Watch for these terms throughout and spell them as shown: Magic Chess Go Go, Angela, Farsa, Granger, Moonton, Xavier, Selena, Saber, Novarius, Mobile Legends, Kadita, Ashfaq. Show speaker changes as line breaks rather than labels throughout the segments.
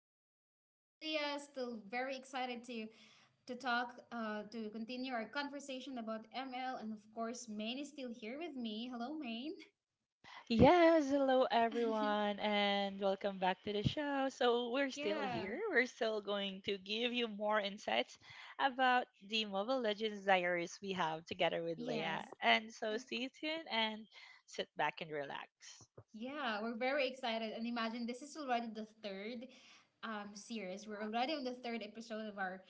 this is still your host Leah. Still very excited to talk to continue our conversation about ML. And of course, Maine is still here with me. Hello, Maine.
Yes, hello everyone, and welcome back to the show. So, we're still
Yeah.
here. We're still going to give you more insights about the Mobile Legends diaries we have together with Leia.
Yes.
And so, stay tuned and sit back and relax.
Yeah, we're very excited. And imagine this is already the third series. We're already on the third episode of our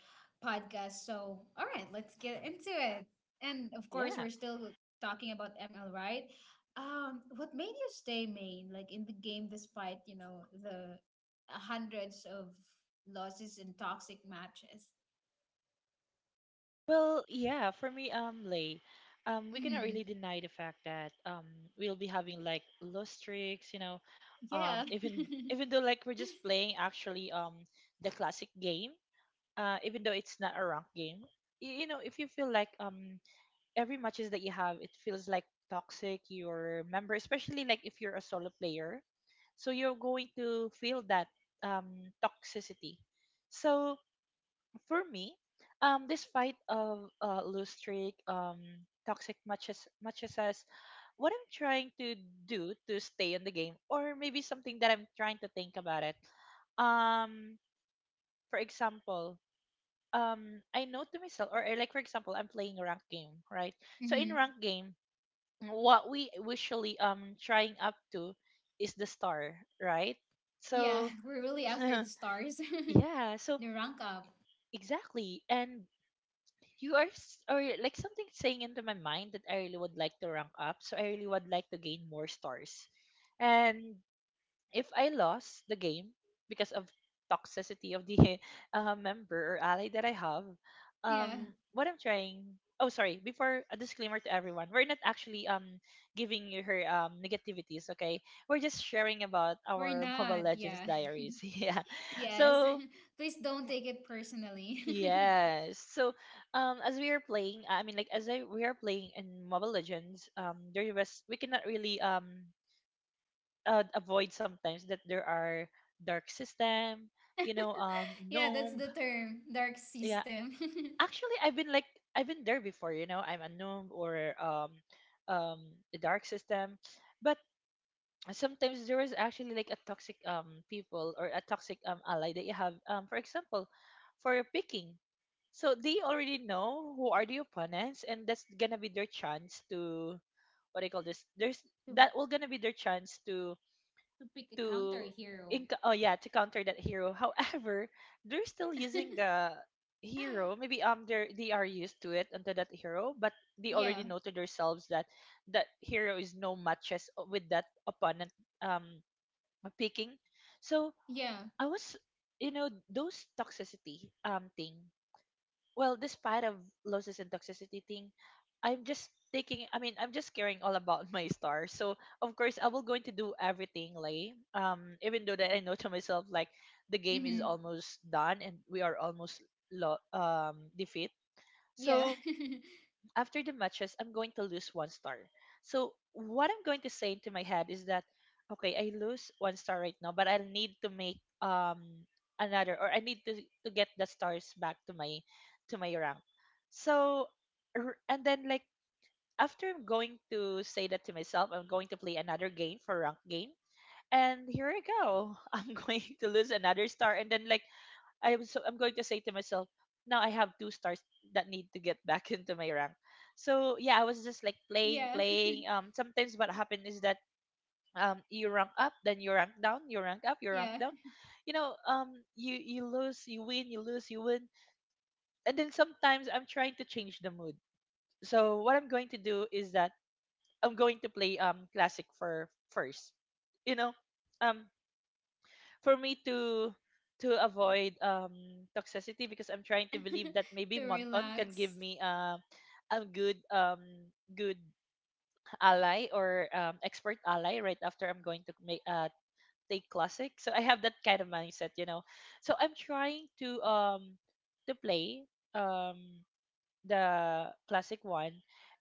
podcast. So, all right, let's get into it. And of course,
Yeah.
we're still talking about ML, right? What made you stay main, like in the game, despite, you know, the hundreds of losses and toxic matches?
Well, yeah, for me, Lay, we cannot really
Mm-hmm.
deny the fact that we'll be having like low streaks, you know, um,
Yeah.
even even though like we're just playing actually the classic game, even though it's not a ranked game, you know, if you feel like every matches that you have, it feels like toxic. Your member, especially like if you're a solo player, so you're going to feel that toxicity. So for me, this fight of loose streak, toxic matches as what I'm trying to do to stay in the game, or maybe something that I'm trying to think about it. Um, for example, I know to myself or like for example I'm playing a rank game, right? So in
Mm-hmm.
rank game, what we usually trying up to is the star, right?
Yeah,
So
we're really after the stars.
yeah, so
The rank up.
exactly. And you are or like something saying into my mind that I really would like to rank up, so I really would like to gain more stars. And if I lost the game because of toxicity of the member or ally that I have,
Yeah.
what I'm trying. Oh, sorry. Before a disclaimer to everyone, we're not actually giving you her negativities. Okay, we're just sharing about
We're
our Mobile
not,
Legends
yeah.
diaries. yeah.
Yes.
So
Please don't take it personally.
yes. So as we are playing, we are playing in Mobile Legends, there was we cannot really avoid sometimes that there are dark system, you know,
Yeah, that's
gnome.
the term, dark
Yeah,
system.
actually, I've been there before. You know, I'm a gnome or um, the dark system, but sometimes there is actually like a toxic people or a toxic ally that you have. For example, for your picking. So they already know who are the opponents, and that's gonna be their chance to what I call this. There's
To
that will gonna be their chance
pick a counter
to
hero.
to counter that hero. however, they're still using the hero, maybe they are used to it under that hero, but they
Yeah,
already know to themselves that that hero is no matches, with that opponent um picking. So
yeah.
I was, you know, those toxicity thing. Well, despite of losses and toxicity thing, I'm just taking I mean I'm just caring all about my star. So of course I will going to do everything like even though that I know to myself like the game is
Mm-hmm.
almost done and we are almost defeat.
Yeah.
So after the matches, I'm going to lose one star. So what I'm going to say into my head is that, okay, I lose one star right now, but I'll need to make another, or I need to get the stars back to my rank. So and then like after I'm going to say that to myself, I'm going to play another game for rank game, and here I go. I'm going to lose another star, and then like I was so I'm going to say to myself, now I have two stars that need to get back into my rank. So yeah, I was just like playing,
Yeah.
playing. Sometimes what happened is that you rank up, then you rank down, you rank up, you rank
Yeah.
down. You know, you lose, you win, you lose, you win, and then sometimes I'm trying to change the mood. So what I'm going to do is that I'm going to play classic for first. You know, um, for me to avoid toxicity because I'm trying to believe that maybe
To
Monton can give
relax.
me a good good ally, or expert ally right after I'm going to make take classic. So I have that kind of mindset, you know. So I'm trying to play um the classic one.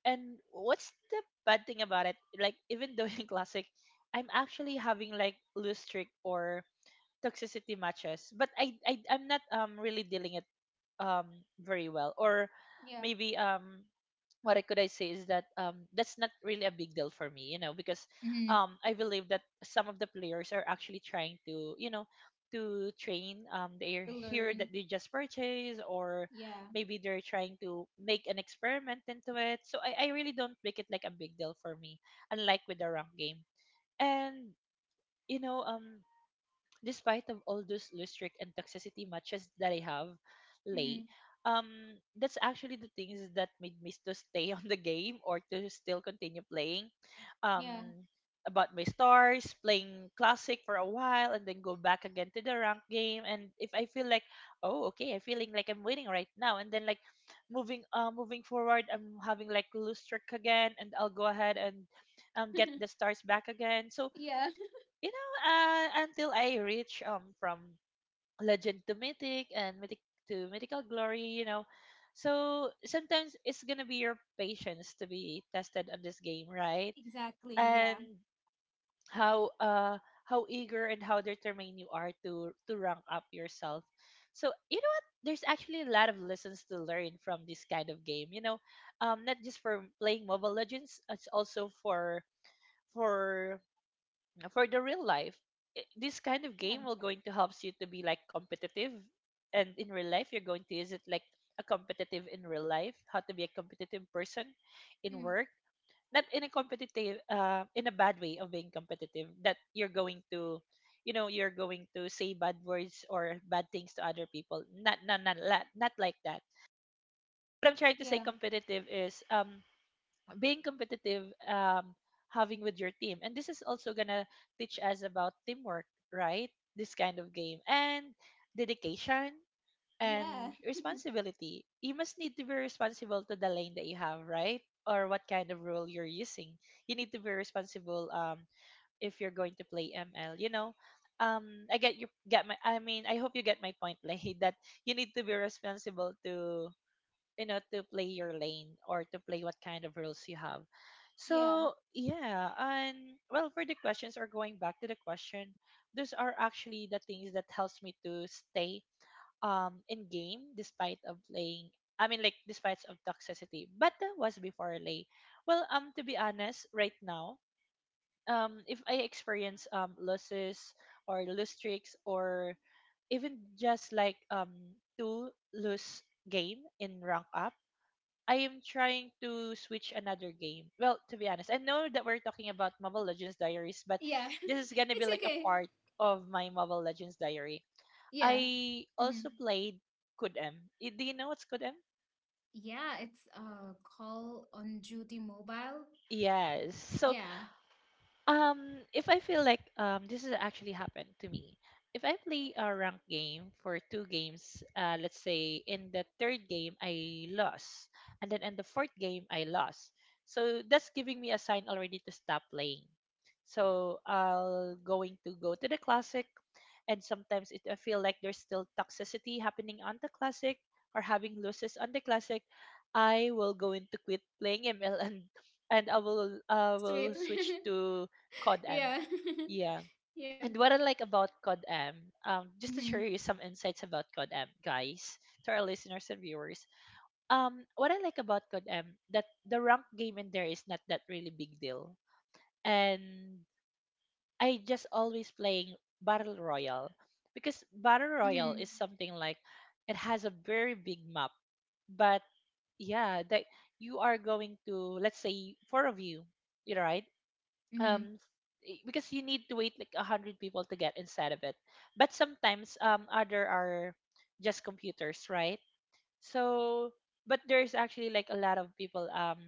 And what's the bad thing about it? Like even though in classic I'm actually having like loose streak or toxicity matches, but I'm not really dealing it very well, or
Yeah.
maybe what I could I say is that that's not really a big deal for me, you know, because
Mm-hmm.
I believe that some of the players are actually trying to, you know, to train their
To
hero that
learn.
they just purchased, or
Yeah.
maybe they're trying to make an experiment into it. So I really don't make it like a big deal for me, unlike with the rank game. And, you know, um, despite of all those lustric and toxicity matches that I have, Lay,
Mm-hmm.
um, that's actually the things that made me to stay on the game or to still continue playing.
Yeah.
Um, about my stars, playing classic for a while, and then go back again to the rank game. And if I feel like, oh, okay, I'm feeling like I'm winning right now, and then like moving forward, I'm having like lustric again, and I'll go ahead and get the stars back again. So,
Yeah.
you know, until I reach from legend to mythic, and mythic to mythical glory, you know. So sometimes it's gonna be your patience to be tested on this game, right?
Exactly. Yeah.
And how uh how eager and how determined you are to rank up yourself. So you know what? There's actually a lot of lessons to learn from this kind of game. You know, not just for playing Mobile Legends, it's also for for the real life, this kind of
Yeah.
game will going to helps you to be like competitive, and in real life you're going to use it like a competitive in real life, how to be a competitive person in
Mm-hmm.
work, not in a competitive, in a bad way of being competitive that you're going to, you know, you're going to say bad words or bad things to other people. Not not like that. What I'm trying to say
Yeah.
competitive is being competitive, having with your team. And this is also gonna teach us about teamwork, right? This kind of game. And dedication
Yeah.
and responsibility. You must need to be responsible to the lane that you have, right? Or what kind of rule you're using, you need to be responsible. Um, if you're going to play ML, you know, um, I get you get my I mean I hope you get my point, like that. You need to be responsible to, you know, to play your lane or to play what kind of rules you have.
Yeah.
So yeah. And well, for the questions, or going back to the question, those are actually the things that helps me to stay in game, despite of playing, I mean, like despite of toxicity. But that was before, Lay. Well, um, to be honest, right now, if I experience losses or lose streaks, or even just like two lose game in rank up, I am trying to switch another game. Well, to be honest, I know that we're talking about Mobile Legends Diaries, but
Yeah,
this is gonna be
it's
like a
okay.
part of my Mobile Legends Diary.
Yeah.
I
Hmm.
also played Kudem. Do you know what's Kudem?
Yeah, it's call on duty mobile.
Yes. So
Yeah,
um, if I feel like this has actually happened to me. If I play a rank game for two games, let's say in the third game I lost, and then in the fourth game I lost, so that's giving me a sign already to stop playing. So I'll going to go to the classic, and sometimes it I feel like there's still toxicity happening on the classic, or having losses on the classic, I will go into quit playing ML and I will
sweet.
switch to Cod M.
Yeah.
Yeah.
Yeah.
And what I like about Cod M, just to share
Mm-hmm.
you some insights about Cod M, guys, to our listeners and viewers. What I like about Cod M that the rank game in there is not that really big deal, and I just always playing Battle Royale because Battle Royale
Mm-hmm.
is something like it has a very big map, but yeah, that you are going to let's say four of you, you know, right?
Mm-hmm.
Um, because you need to wait like 100 people to get inside of it. But sometimes other are just computers, right? So but there's actually like a lot of people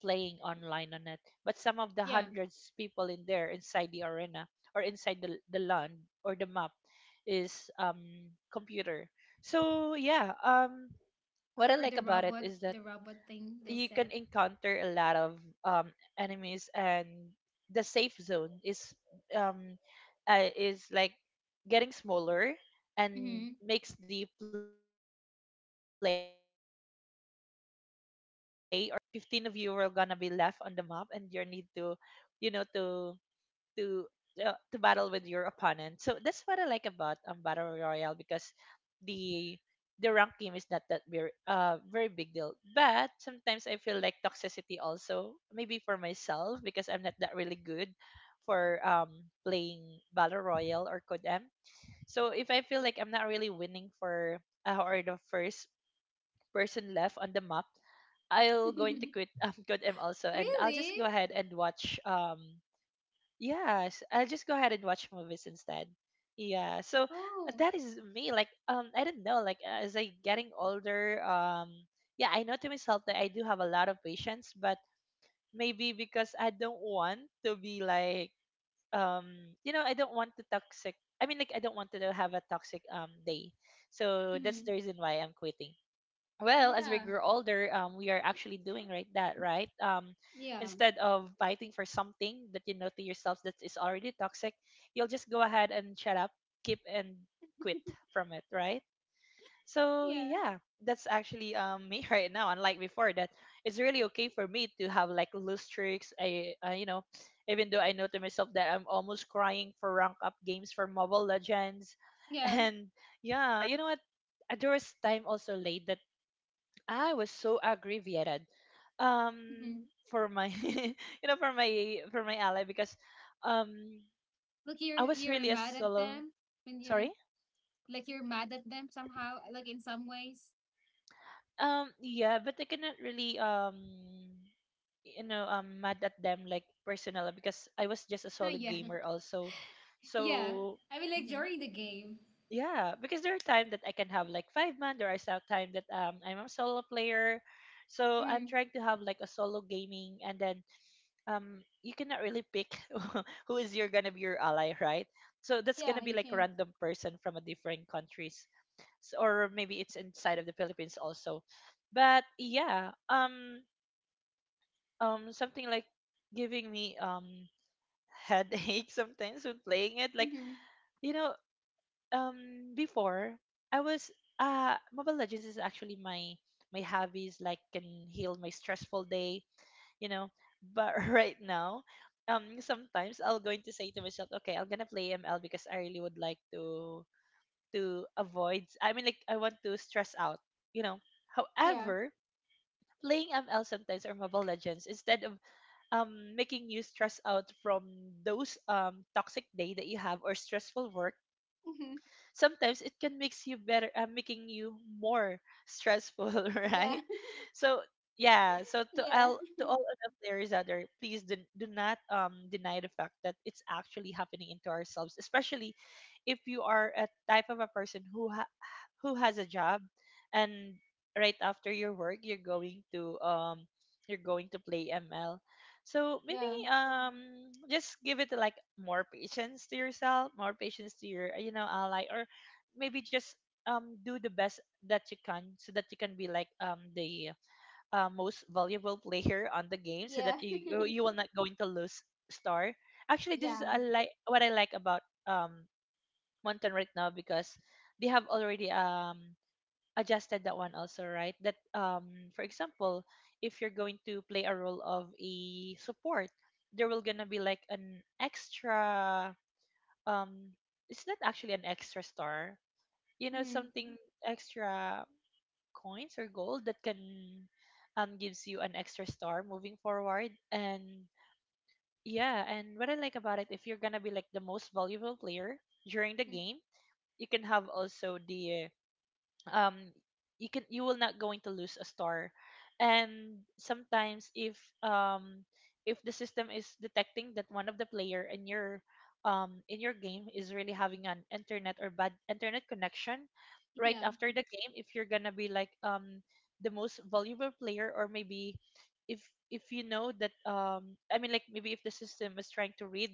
playing online on it. But some of the
Yeah,
hundreds people in there inside the arena or inside the land or the map is computer. So yeah, what I
or
like about it is that
the robot thing they
you can
said.
encounter a lot of um, enemies, and the safe zone um is like getting smaller and
Mm-hmm.
makes the play or the game much more thrilling, because like you're the like 15 of you are gonna be left on the map, and you need you know to to to battle with your opponent. So that's what I like about battle royale, because the the rank game is not that very big deal. But sometimes I feel like toxicity also, maybe for myself, because I'm not that really good for playing battle royale or codem. So if I feel like I'm not really winning for or the first person left on the map, I'll going to quit codem also, and I'll just
Really?
go ahead and watch Yes, I'll just go ahead and watch movies instead. Yeah, so
Oh.
that is me. Like, I don't know. Like, as I getting older, yeah, I know to myself that I do have a lot of patience, but maybe because I don't want to be like, um, I don't want to toxic. I mean, like, I don't want to have a toxic day. So that's
Mm-hmm.
the reason why I'm quitting. Well, as we
Yeah.
grow older, we are actually doing right, that right,
Yeah.
instead of fighting for something that you know to yourself that is already toxic, you'll just go ahead and shut up, keep, and quit from it, right? So
Yeah.
yeah, that's actually me right now, unlike before, that it's really okay for me to have like loose streaks. I you know, even though I know to myself that I'm almost crying for rank up games for Mobile Legends,
Yeah.
and yeah. You know what, there was time also late, that I was so aggravated, um
Mm-hmm.
for my you know, for my ally, because um
Like
I was
you're
really a
mad at
solo.
them when
Sorry.
you're like you're mad at them somehow, like in some ways.
Yeah, but I cannot really mad at them like personal, because I was just a
Huh,
solo
yeah.
gamer also.
Yeah.
So
I mean, like
mhm,
during the game.
yeah, because there are times that I can have like five man, there are some time that I'm a solo player. So I'm
Mm.
trying to have like a solo gaming, and then you cannot really pick who is you're gonna be your ally, right? So that's gonna
Yeah,
be
you
like a
can.
random person from a different countries, S or maybe it's inside of the Philippines also. But yeah, something like giving me headache sometimes when playing it. Like,
Mm-hmm.
you know, before, I was Mobile Legends is actually my hobbies, like, can heal my stressful day you know. But right now, sometimes I'll going to say to myself, okay, I'm gonna play ML because I really would like to avoid. I mean, like, I want to stress out, you know.
Yeah.
However, playing ML sometimes, or Mobile Legends, instead of making you stress out from those toxic day that you have, or stressful work,
Mm-hmm.
sometimes it can makes you better, making you more stressful,
Yeah.
right? So yeah, so to
Yeah.
all, to all of the players out there, please do not deny the fact that it's actually happening into ourselves, especially if you are a type of a person who has a job, and right after your work, you're going to play ML. So maybe
Yeah.
just give it like more patience to yourself, more patience to your ally, or maybe just do the best that you can, so that you can be like the most valuable player on the game, so that
Yeah.
you will not going to lose star. Actually, this is
Yeah.
a like what I like about mountain right now, because they have already adjusted that one also, right, that for example, if you're going to play a role of a support, there will gonna be like an extra, um it's not actually an extra star, you know,
Mm-hmm.
something extra coins or gold that can gives you an extra star moving forward. And yeah, and what I like about it, if you're gonna be like the most valuable player during the game,
Mm-hmm.
you can have also the, um you can, you will not going to lose a star. And sometimes um if the system is detecting that one of the player in your in your game is really having an internet, or bad internet connection, right
Yeah.
after the game, if you're gonna be like the most valuable player, or maybe if you know that I mean, like, maybe if the system is trying to read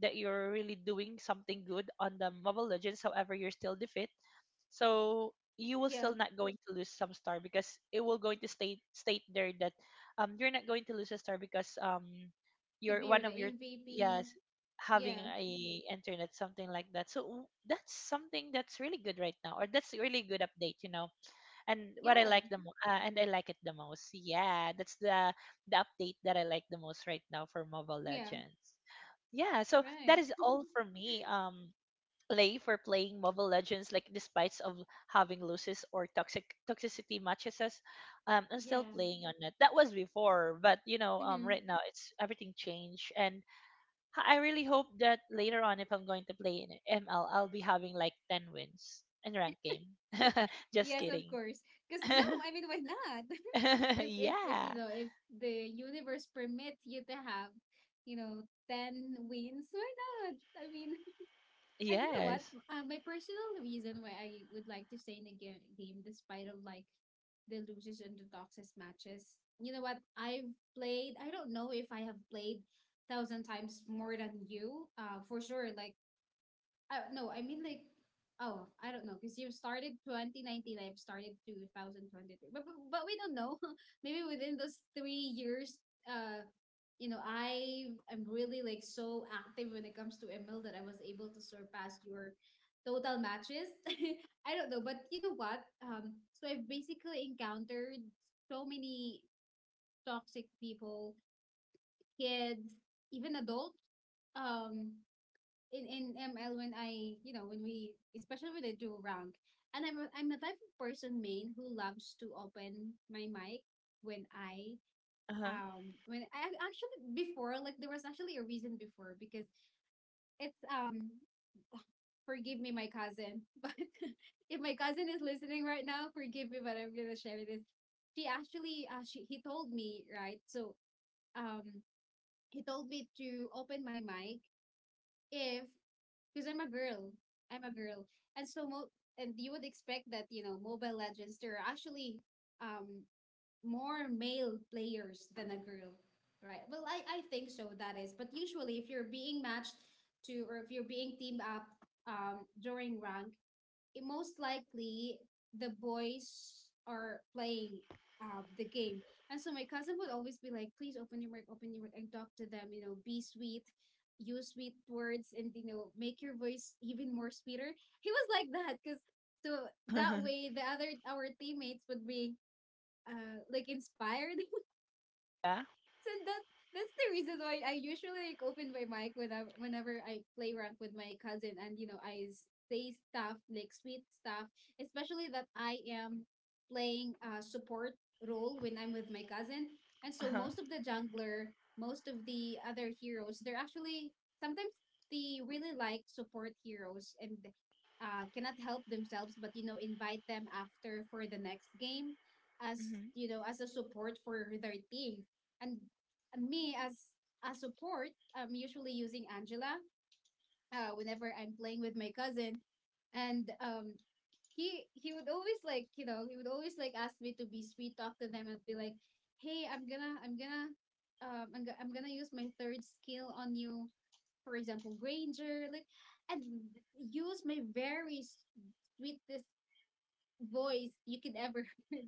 that you're really doing something good on the Mobile Legends, however you're still defeat, so you will
Yeah.
still not going to lose some star, because it will going to state there that you're not going to lose a star because
Could
you're
be you're
one
the
of your,
MVP.
yes, having
Yeah.
a internet, something like that. So that's something that's really good right now, or that's really good update. And what I
Yeah.
like the And I like it the most, yeah, that's the update that I like the most right now for Mobile
Yeah.
Legends. Yeah, so that
Right.
is all for me, play for playing Mobile Legends, like despite of having losses or toxicity matches us, I still
Yeah.
playing on it. That was before, but
Mm-hmm.
right now it's everything changed, and I really hope that later on, if I'm going to play in ML, I'll be having like 10 wins in rank game. Just
Yes, of
kidding.
course. Because no, I mean, why not? If you
Yeah.
know if the universe permits you to have, you know, ten wins, why not? I mean, and you know what?
Yes.
My personal reason why I would like to stay in the game, despite of like the losers and the toxic matches. You know what? I've played. I don't know if I have played thousand times more than you. For sure. Like, oh no, I mean like, oh, I don't know because you started 2019, I've started 2023, but we don't know. Maybe within those 3 years, uh, you know, I am really like so active when it comes to ML that I was able to surpass your total matches. I don't know, but you know what? So I've basically encountered so many toxic people, kids, even adults um in ML when I you know when we especially when I do rank. And I'm the type of person main who loves to open my mic when I
Uh
when I actually before, like, there was actually a reason before because it's forgive me my cousin but if my cousin is listening right now forgive me but I'm gonna share this. She actually she He told me right. Um he told me to open my mic if, because I'm a girl. I'm a girl, and and you would expect that you know Mobile Legends there are actually um more male players than a girl, right? Well, I think so that is, but usually if you're being teamed up during rank, it most likely the boys are playing the game. And so my cousin would always be like, please open your mic, and talk to them, you know, be sweet, use sweet words, and, you know, make your voice even more sweeter. He was like that because so that
huh.
way the other, our teammates would be like inspired.
Yeah.
So that, that's the reason why I usually like open my mic when I, whenever I play rank with my cousin, and say stuff like sweet stuff, especially that I am playing a support role when I'm with my cousin. And
Uh
so
huh.
most of the jungler, most of the other heroes, they're actually sometimes they really like support heroes and cannot help themselves but you know invite them after for the next game as
Hmm.
you know as a support for their team. And me as a support, I'm usually using Angela whenever I'm playing with my cousin, and he would always like you know he would always like ask me to be sweet, talk to them, and be like, "Hey, I'm gonna use my third skill on you, for example, Granger," like, and use my very sweetest voice you could ever hear,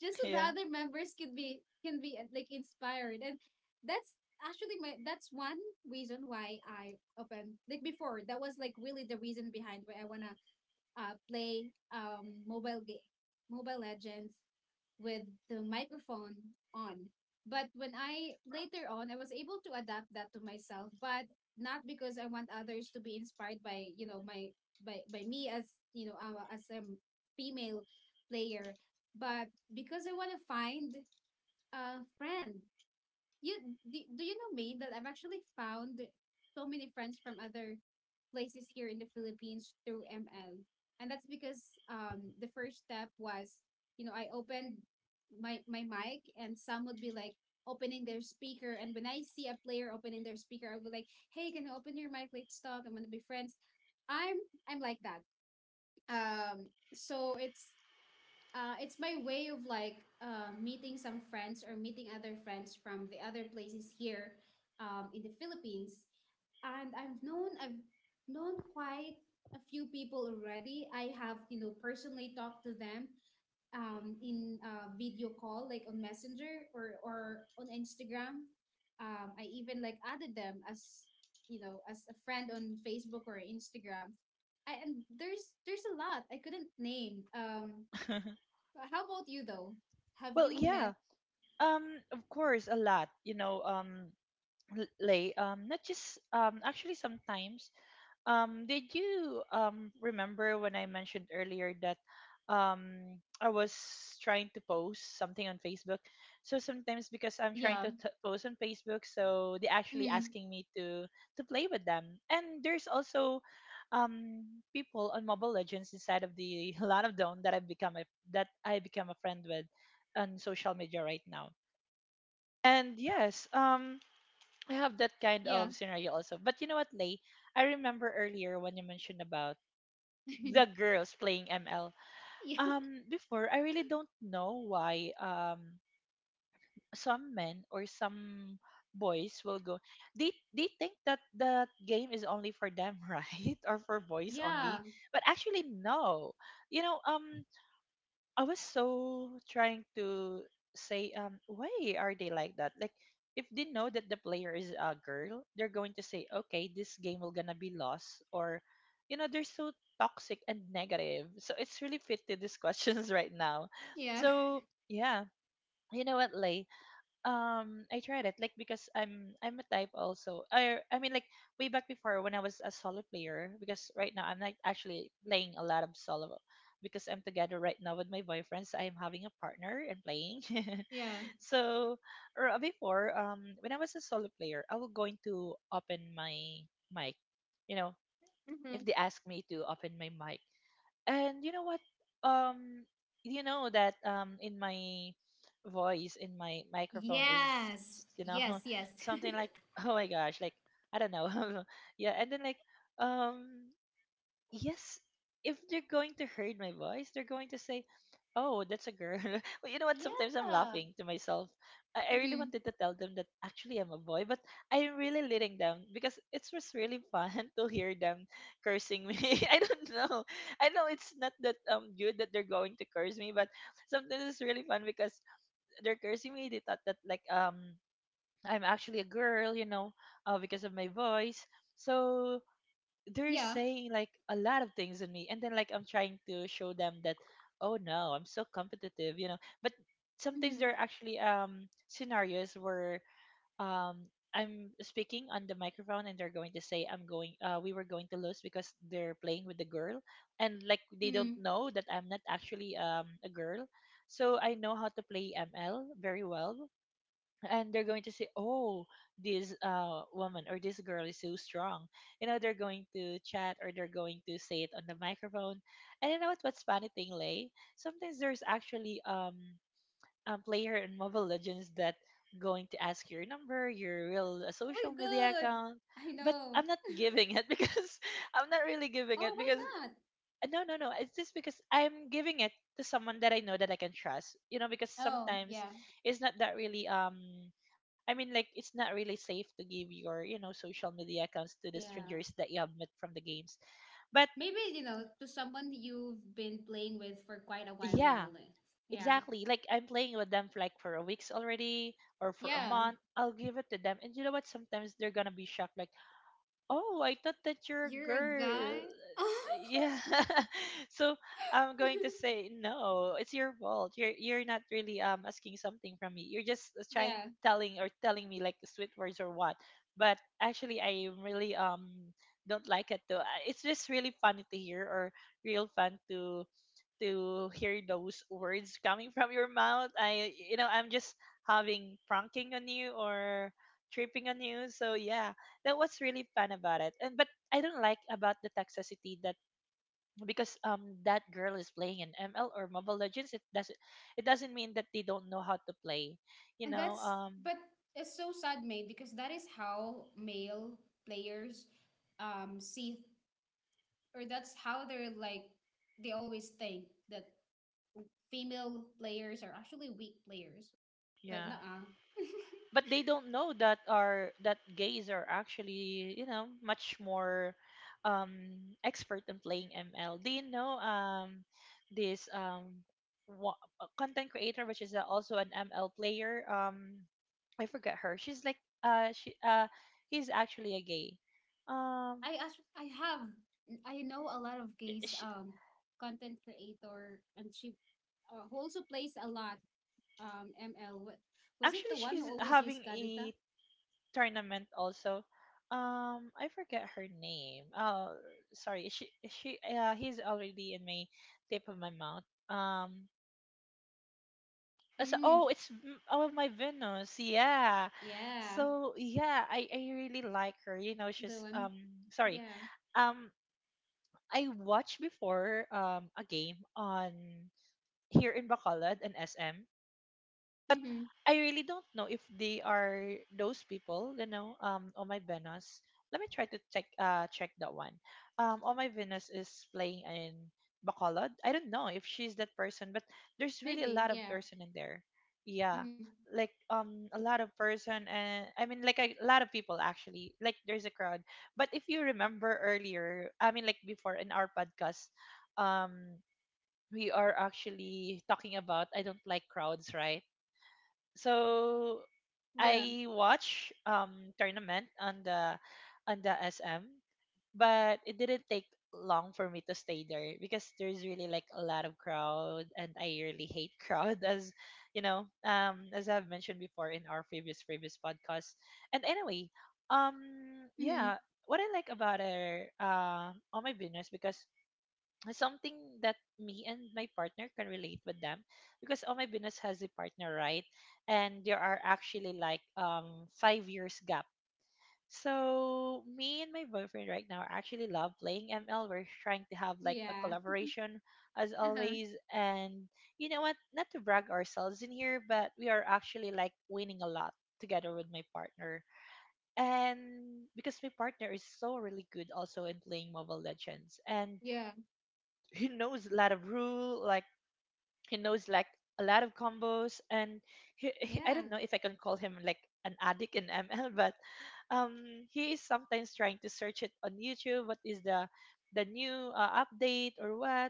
just so the
Yeah.
other members can be like inspired. And that's actually my, that's one reason why I opened, like, before that was like really the reason behind why I want to play Mobile Legends with the microphone on. But when I later on, I was able to adapt that to myself, but not because I want others to be inspired by you know my by me as you know as a female player, but because I want to find a friend. you do you know me that I've actually found so many friends from other places here in the Philippines through ML. And that's because the first step was, you know, I opened my mic and some would be like opening their speaker, and when I see a player opening their speaker, I would like, "Hey, can you open your mic? Let's talk. I'm gonna be friends." I'm I'm like that. Um so it's it's my way of like meeting some friends or meeting other friends from the other places here in the Philippines. And I've known quite a few people already. I have you know personally talked to them in video call, like on Messenger or on Instagram. I even like added them as you know as a friend on Facebook or Instagram. I, and there's a lot I couldn't name. But how about you though? Have
Well,
you met?
yeah. Um, of course, a lot. You know, Lay, not just actually sometimes. Did you remember when I mentioned earlier that I was trying to post something on Facebook? So sometimes because I'm trying
Yeah.
to post on Facebook, so they actually
Mm-hmm.
asking me to play with them. And there's also um people on Mobile Legends inside of the lot of Dawn, that I've become a that I become a friend with on social media right now. And yes, I have that kind
Yeah.
of scenario also. But you know what, Lay? I remember earlier when you mentioned about the girls playing ML.
Yeah.
Before, I really don't know why some men or some boys will go. They think that that game is only for them, right? Or for boys only. But actually, no. You know, I was so trying to say, why are they like that? Like, if they know that the player is a girl, they're going to say, okay, this game will gonna be lost, or, they're so toxic and negative. So it's really fit to these questions right now.
Yeah. Yeah.
So yeah, you know what, Lay? I tried it, like, because I'm, a type also, I mean, like, way back before, when I was a solo player, because right now I'm like actually playing a lot of solo, because I'm together right now with my boyfriend, so I'm having a partner and playing.
Yeah.
So, or before, when I was a solo player, I was going to open my mic you know
Mm-hmm.
if they ask me to open my mic, and you know what, um you know that in my voice, in my microphone is,
Yes.
you know,
Yes. Yes.
something like, oh my gosh, like, I don't know. Yeah, and then like, um yes, if they're going to heard my voice, they're going to say, "Oh, that's a girl." Well, you know what? Sometimes I'm
Yeah.
laughing to myself. I really
Mm-hmm.
wanted to tell them that actually I'm a boy, but I'm really letting them, because it was really fun to hear them cursing me. I don't know. I know it's not that good that they're going to curse me, but sometimes it's really fun, because they're cursing me. They thought that like I'm actually a girl, because of my voice. So they're
Yeah.
saying like a lot of things on me, and then like I'm trying to show them that, oh no, I'm so competitive, you know. But sometimes there
Mm-hmm.
are actually scenarios where um I'm speaking on the microphone, and they're going to say I'm going we were going to lose because they're playing with the girl, and like they don't
Mm-hmm.
know that I'm not actually a girl. So I know how to play ml very well, and they're going to say, oh, this woman or this girl is so strong. You know, they're going to chat or they're going to say it on the microphone. And you know what's funny thing, Lay? Sometimes there's actually a player in Mobile Legends that going to ask your number, your real
Oh my
social media
god.
account.
I
But
know.
I'm not giving it because I'm not really giving
Oh,
it
why
because
not?
no, no, no. It's just because I'm giving it to someone that I know that I can trust. You know, because
Oh,
sometimes
yeah.
it's not that really I mean like it's not really safe to give your, you know, social media accounts to the strangers
Yeah.
that you have met from the games. But
Maybe, you know, to someone you've been playing with for quite a while
yeah,
now, like, yeah.
exactly. Like I'm playing with them for like for a weeks already or for a
Yeah.
month. I'll give it to them. And you know what? Sometimes they're gonna be shocked, like, oh, I thought that you're a
You're a guy?
girl. Yeah. So I'm going to say no. It's your fault. You're not really asking something from me. You're just trying
Yeah.
telling or telling me like sweet words or what. But actually, I really don't like it though. I- it's just really funny to hear or real fun to hear those words coming from your mouth. I, you know, I'm just having pranking on you or tripping on you. So yeah, that was really fun about it. And but I don't like about the toxicity that because that girl is playing in ML or Mobile Legends. It doesn't mean that they don't know how to play. You
And
know
that's,
um.
but it's so sad, mate, because that is how male players see or that's how they're like they always think that female players are actually weak players. But
Yeah,
nah.
but they don't know that are that gays are actually, you know, much more um expert in playing ml. Do you know this content creator which is also an ml player? I forget her, she's like she he's actually a gay. Um
I actually I have I know a lot of gays
sh
content creator and she who also plays a lot ML. What was it
Actually,
the one who
she's
always
having
used Kadita?
a tournament also. I forget her name. Oh, sorry. She He's already in my tip of my mouth. As
Mm,
oh, it's M- oh my Venus. Yeah.
yeah.
So yeah, I really like her. You know,
The
she's
one.
sorry.
Yeah.
Um, I watched before a game on here in Bacolod and SM.
Mm-hmm.
I really don't know if they are those people, you know, Oh My Venus. Let me try to check check that one. Oh My Venus is playing in Bacolod. I don't know if she's that person, but there's really a
Maybe,
lot of
yeah.
person in there. Yeah.
Mm-hmm.
Like a lot of person, and I mean like a lot of people actually. Like there's a crowd. But if you remember earlier, I mean like before in our podcast, um we are actually talking about I don't like crowds, right? So
Yeah.
I watch tournament on the SM, but it didn't take long for me to stay there because there's really like a lot of crowd, and I really hate crowd as you know as I've mentioned before in our previous podcast. And anyway, um
Mm-hmm.
yeah, what I like about our all my business because something that me and my partner can relate with them, because all my business has a partner, right? And there are actually like 5 years gap. So me and my boyfriend right now actually love playing ml. We're trying to have like a
Yeah.
collaboration as
Uh-huh.
always. And you know what, not to brag ourselves in here, but we are actually like winning a lot together with my partner. And because my partner is so really good also in playing Mobile Legends, and
Yeah.
he knows a lot of rule, like he knows like a lot of combos. And I don't
Yeah.
know if I can call him like an addict in ml, but he is sometimes trying to search it on YouTube, what is the new update or what,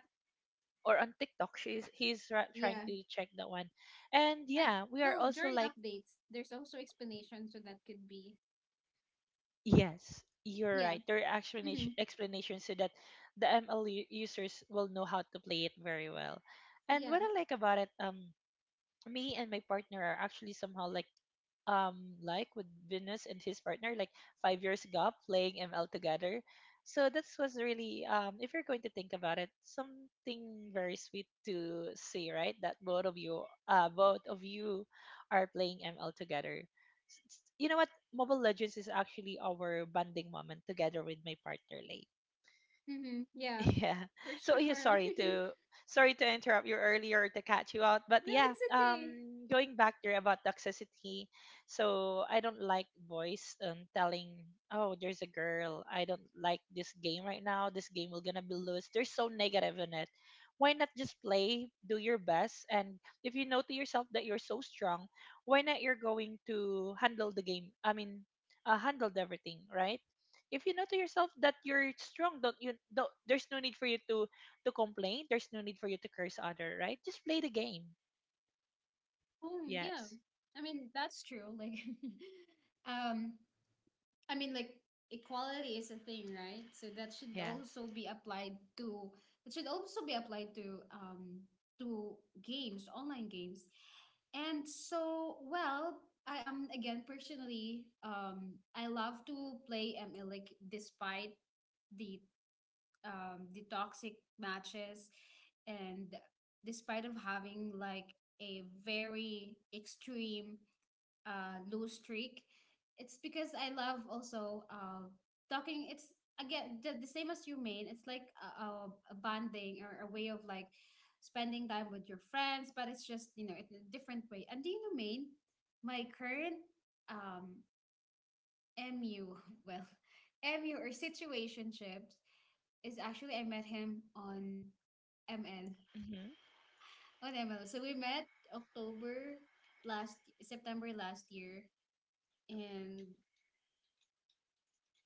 or on TikTok she's he's trying
Yeah.
to check that one. And
And
yeah, we are
well,
also
during
like
updates, there's also explanations so that could be.
yes, you're
Yeah.
right, there are
Mm-hmm.
explanations, so that the ml users will know how to play it very well. And
Yeah.
what I like about it, me and my partner are actually somehow um like with Venus and his partner, like 5 years ago playing ML together. So this was really if you're going to think about it, something very sweet to see, right? That both of you are playing ML together. S- s- you know what? Mobile Legends is actually our bonding moment together with my partner, Lay.
Mm-hmm. Yeah.
Yeah.
For
So yeah,
sure.
sorry to interrupt you earlier to catch you out, but
No,
yeah,
it's okay.
going back there about toxicity. So I don't like boys telling, oh, there's a girl, I don't like this game right now, this game will gonna be lose. They're so negative in it. Why not just play, do your best, and if you know to yourself that you're so strong, why not you're going to handle the game? I mean, handled everything, right? If you know to yourself that you're strong, don't, there's no need for you to complain, there's no need for you to curse other, right? Just play the game.
Oh, yeah.
Yes.
I mean, that's true. Like, um, I mean, like equality is a thing, right? So that should
Yeah.
also be applied to it should also be applied to um to games, online games. And so, well, I am again personally I love to play ML like despite the the toxic matches and despite of having like a very extreme lose streak. It's because I love also talking. It's again the same as you made. It's like a bonding or a way of like spending time with your friends, but it's just you know it's a different way. And do you know, Maine, my current um, MU, well, MU or situationships is actually I met him on ML, on ML. So we met October, last September last year, and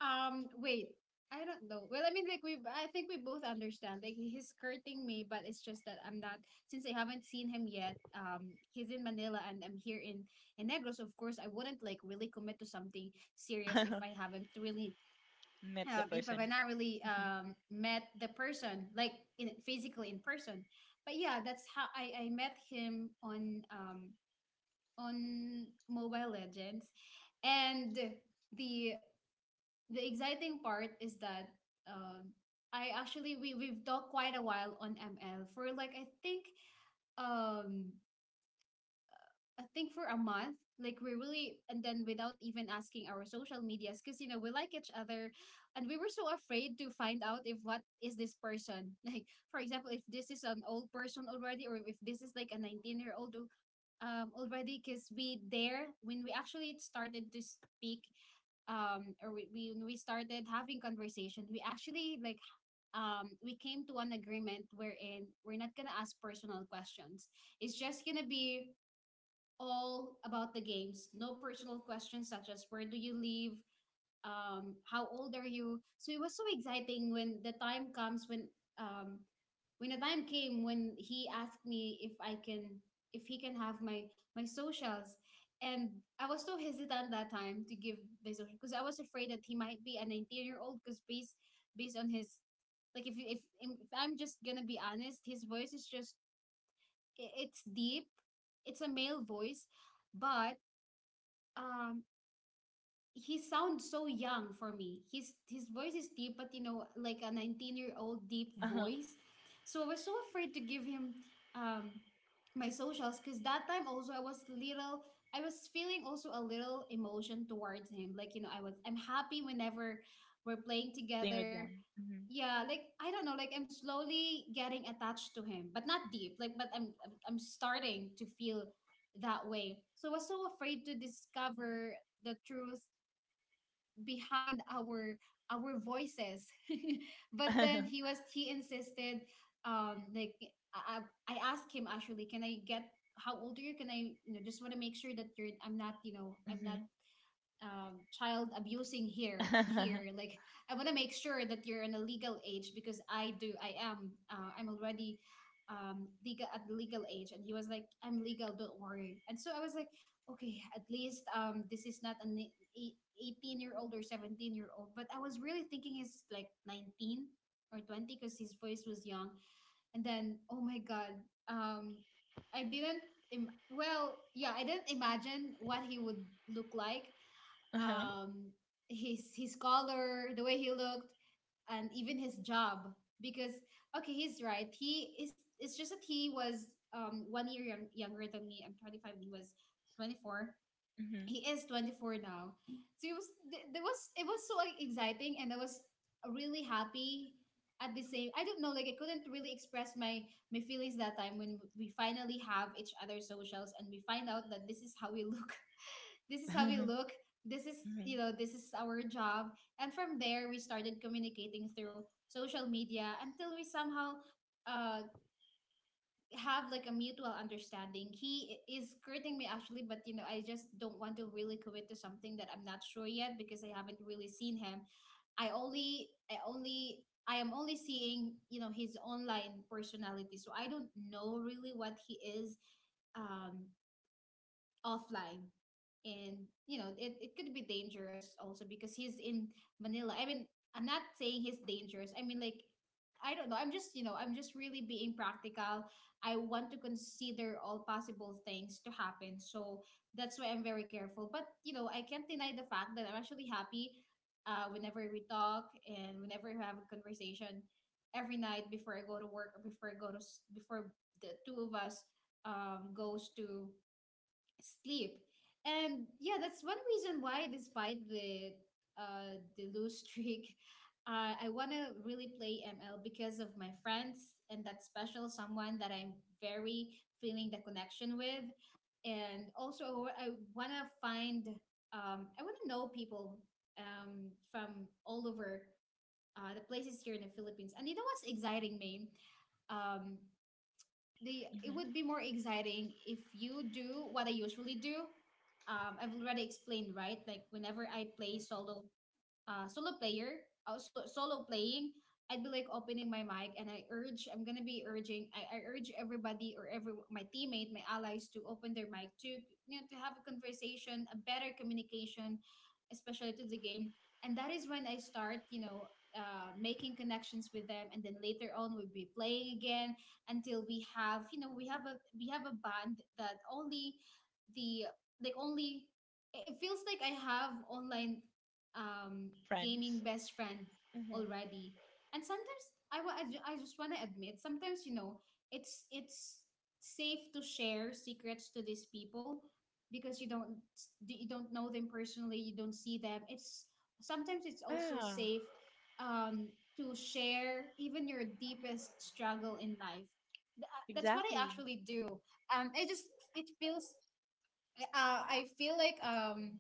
Wait. I don't know. Well, I mean, like we, I think we both understand. Like he's skirting me, but it's just that I'm not. Since I haven't seen him yet, he's in Manila and I'm here in Negros. So of course, I wouldn't like really commit to something serious
Mm-hmm.
if I haven't really,
Met the
if
person.
I've not really
Mm-hmm.
met the person like in physically in person. But yeah, that's how I met him on on Mobile Legends, and the the exciting part is that um, I actually we we've talked quite a while on ML for like um I think for a month like we really. And then without even asking our social medias, because you know we like each other and we were so afraid to find out if what is this person like, for example, if this is an old person already or if this is like a 19-year-old year old already. Because we there when we actually started to speak, or we when we started having conversations we actually, like, we came to an agreement wherein we're not gonna ask personal questions. It's just gonna be all about the games, no personal questions such as where do you live, how old are you? So it was so exciting when the time comes um, when the time came when he asked me if he can have my my socials, and I was so hesitant that time to give the social because I was afraid that he might be a 19-year-old year old. Because based on his, like, if I'm just gonna be honest, his voice is just it's deep, it's a male voice, but um he sounds so young for me. His voice is deep, but you know, like a 19-year-old year old deep
Uh-huh.
voice. So I was so afraid to give him um my socials, because that time also I was feeling also a little emotion towards him. Like, you know, I'm happy whenever we're playing
Playing with
together.
them. Mm-hmm.
Yeah, like I don't know, like I'm slowly getting attached to him, but not deep. Like, but I'm starting to feel that way. So I was so afraid to discover the truth behind our voices. But then he insisted, like I, I asked him, actually, can I get how old are you? Can I You know, just want to make sure that you know, I'm not,
Mm-hmm.
child abusing here
Uh-huh.
here, like, I want to make sure that you're in a legal age, because I am, I'm already legal at the legal age. And he was like, I'm legal, don't worry. And so I was like, okay, at least, this is not an 18-year-old year old or 17-year-old year old, but I was really thinking he's like 19 or 20 because his voice was young. And then, oh my god, um I didn't, I didn't imagine what he would look like, um, his color, the way he looked, and even his job. Because, okay, he's right. He is. It's just that he was, one year younger than me. I'm 25. He was 24.
Mm-hmm.
He is 24 now, so it was th- there was it was so, like, exciting, and I was really happy. At the same, I don't know, like I couldn't really express my my feelings that time when we finally have each other's socials and we find out that this is how we look. This is how we look, this is,
Mm-hmm.
you know, this is our job. And from there we started communicating through social media until we somehow, uh have like a mutual understanding. He is courting me, actually, but you know, I just don't want to really commit to something that I'm not sure yet because I haven't really seen him. I am only seeing, you know, his online personality. So I don't know really what he is um offline. And you know, it could be dangerous also because he's in Manila. I'm not saying he's dangerous. I mean, like, I don't know, I'm just, you know, I'm just really being practical. I want to consider all possible things to happen, so that's why I'm very careful. But you know, I can't deny the fact that I'm actually happy, whenever we talk and whenever we have a conversation every night before I go to work or before I go to s- before the two of us, goes to sleep. And yeah, that's one reason why, despite the, the lose streak, I want to really play ML because of my friends and that special someone that I'm very feeling the connection with. And also, I want to find, I want to know people from all over, the places here in the Philippines. And you know what's exciting me? Um, the it
Mm-hmm.
would be more exciting if you do what I usually do. I've already explained, right? Like, whenever I play solo, solo player, solo playing, I'd be like opening my mic and I'm gonna be urging, I urge everybody or every my teammate, my allies to open their mic to, you know, to have a conversation, a better communication, especially to the game. And that is when I start, you know, making connections with them, and then later on we'll be playing again until we have, you know, we have a band that only the like only it it feels like I have online, um,
Friends.
gaming best friend
Mm-hmm.
already. And sometimes I, wa- I, ju- I just want to admit, sometimes, you know, it's safe to share secrets to these people because you don't know them personally, you don't see them. It's, sometimes it's also
Yeah,
safe, um, to share even your deepest struggle in life. That's what I
exactly.
actually do. I just it feels, uh, I feel like um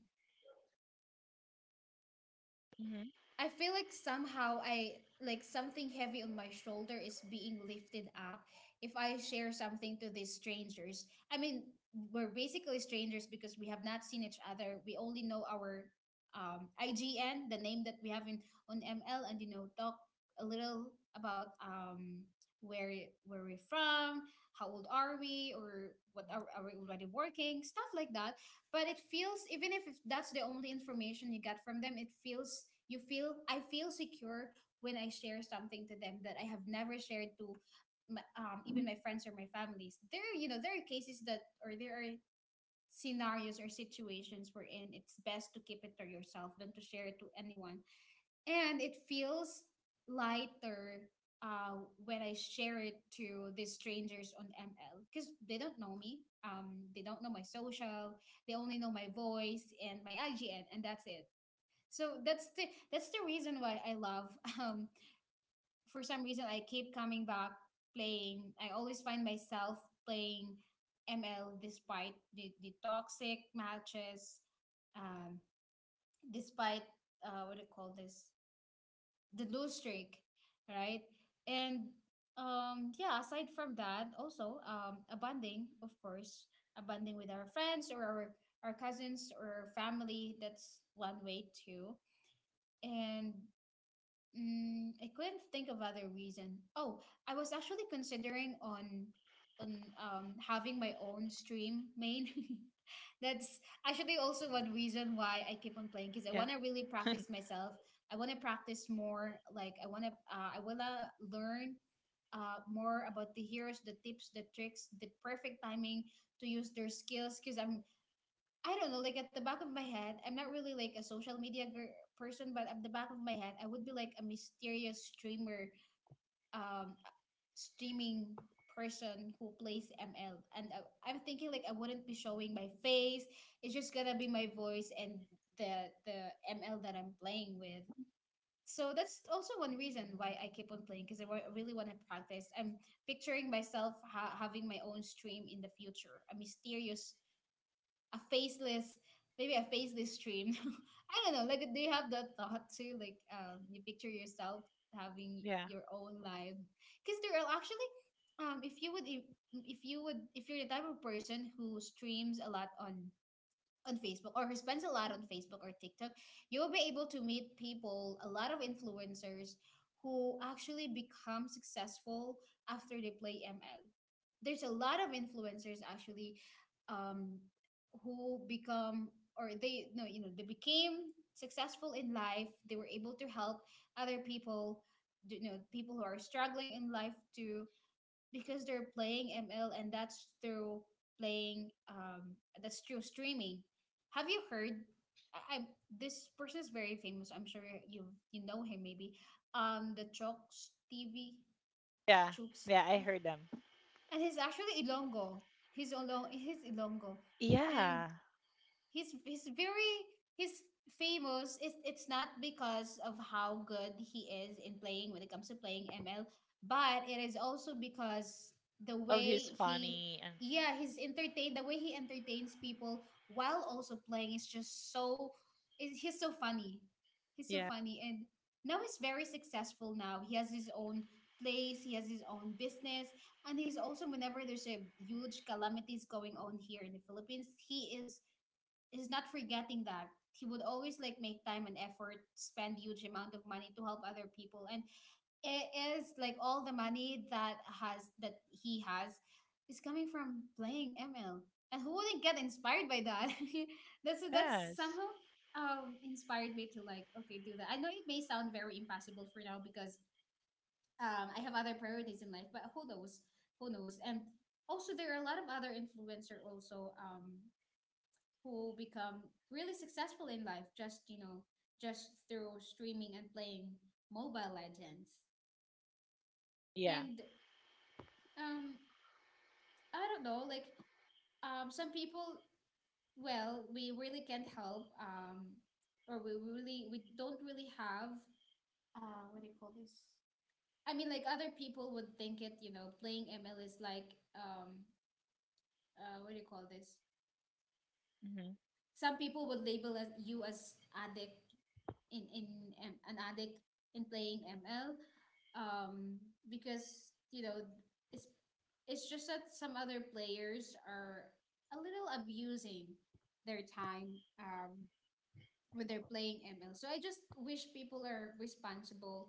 Mm-hmm.
I feel like somehow I like something heavy on my shoulder is being lifted up if I share something to these strangers. I mean, we're basically strangers because we have not seen each other. We only know our, IGN, the name that we have in on ML, and you know, talk a little about, where where we're from, how old are we, or are we already working, stuff like that. But it feels, even if that's the only information you get from them, it feels, you feel I feel secure when I share something to them that I have never shared to, even my friends or my families. There, you know, there are cases that or there are scenarios or situations wherein it's best to keep it to yourself than to share it to anyone. And it feels lighter, uh, when I share it to these strangers on ML because they don't know me. They don't know my social. They only know my voice and my IGN, and that's it. So that's the reason why I love. Um, for some reason, I keep coming back playing. I always find myself playing ML despite the toxic matches, um, despite, what do you call this? The lose streak, right? And, yeah, aside from that, also, a bonding, of course, a bonding with our friends or our cousins or family. That's one way too. And, mm, I couldn't think of other reason. Oh, I was actually considering on having my own stream main.
Yeah.
That's actually also one reason why I keep on playing, because I want to really practice myself. I want to practice more. Like, I want to, learn, more about the heroes, the tips, the tricks, the perfect timing to use their skills. Because I'm, I don't know, like at the back of my head, I'm not really like a social media gir person, but at the back of my head, I would be like a mysterious streamer, um, streaming person who plays ML. And I'm thinking like I wouldn't be showing my face. It's just gonna be my voice and the ML that I'm playing with. So that's also one reason why I keep on playing, because really want to practice. I'm picturing myself having my own stream in the future, a mysterious, a faceless, maybe a faceless stream. I don't know, like, do you have that thought too, like, you picture yourself having
Yeah.
your own life? Because there are actually, if you would, if you're the type of person who streams a lot on Facebook, or who spends a lot on Facebook or TikTok, you will be able to meet people, a lot of influencers, who actually become successful after they play ML. There's a lot of influencers actually, um, who become, or they, no, you know, they became successful in life, they were able to help other people, you know, people who are struggling in life too, because they're playing ML. And that's through playing, that's through streaming. Have you heard, I, this person is very famous, I'm sure you, you know him maybe, the Chokes TV,
Yeah.
Chokes?
Yeah, I heard them.
And he's actually Ilongo. He's Ilongo, and
Yeah,
he's very he's famous it's not because of how good he is in playing when it comes to playing ML, but it is also because the
of his
way he
funny and
yeah he's entertained the way he entertains people while also playing is just so is he's so funny. He's so
yeah.
funny. And now he's very successful. Now he has his own place, he has his own business, and he's also, whenever there's a huge calamities going on here in the Philippines, he is he's not forgetting that he would always like make time and effort, spend huge amount of money to help other people. And it is like all the money that he has is coming from playing ML. And who wouldn't get inspired by that? That's
Yes.
somehow inspired me to like, okay, do that. I know it may sound very impossible for now because I have other priorities in life, but who knows? Who knows? And also there are a lot of other influencer also, who become really successful in life, just you know, just through streaming and playing Mobile Legends.
Yeah.
And um I don't know, like some people, well, we really can't help, or we really we don't really have, what do you call this? I mean, like, other people would think it, you know, playing ML is like, what do you call this?
Hmm.
Some people would label as you as addict in an addict in playing ML, um, because you know, it's it's just that some other players are a little abusing their time. When they're playing ML. So I just wish people are responsible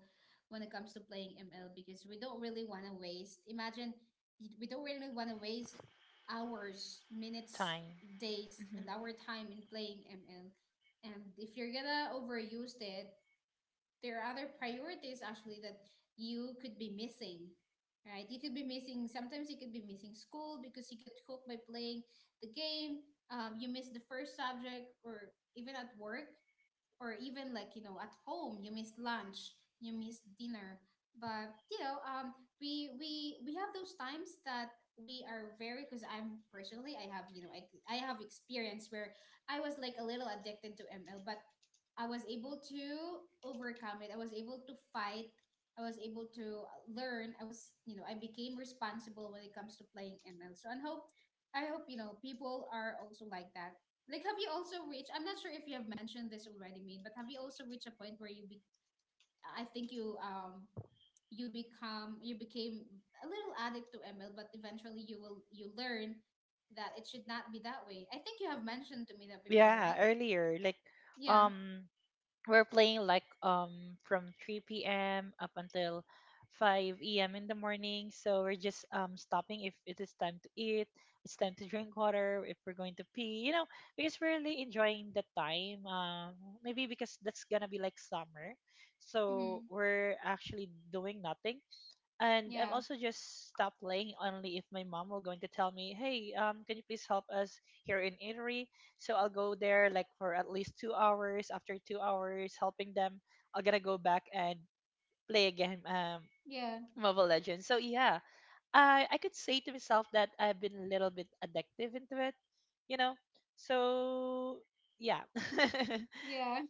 when it comes to playing ML, because we don't really want to waste. Imagine, we don't really want to waste hours, minutes,
Time.
days,
Hmm.
and our time in playing ML. And if you're gonna overuse it, there are other priorities actually that you could be missing. Right? You could be missing, sometimes you could be missing school because you get hooked by playing the game. You miss the first subject, or even at work, or even like, you know, at home you miss lunch, you miss dinner. But you know, we have those times that we are very, because I'm personally, I have, you know, I have experience where I was like a little addicted to ML. But I was able to overcome it, I was able to fight, I was able to learn, I was, you know, I became responsible when it comes to playing ML. So I hope, I hope, you know, people are also like that. Like, have you also reached? I'm not sure if you have mentioned this already, made, but have you also reached a point where you be? I think you, you become, you became a little addict to ML, but eventually you will, you learn that it should not be that way. I think you have mentioned to me that before,
Yeah,
right?
earlier, like
Yeah.
um we're playing like from 3 p.m. up until 5 a.m. in the morning. So we're just stopping if it is time to eat, it's time to drink water, if we're going to pee, you know, because we're really enjoying the time. Maybe because that's gonna be like summer. So
Mm-hmm.
we're actually doing nothing. And I'm
Yeah.
also just stop playing only if my mom will going to tell me, "Hey, can you please help us here in Italy?" So I'll go there like for at least 2 hours. After 2 hours, helping them, I will going to go back and play again
Yeah.
Mobile Legends. So yeah, I could say to myself that I've been a little bit addictive into it, you know. So yeah,
Yeah.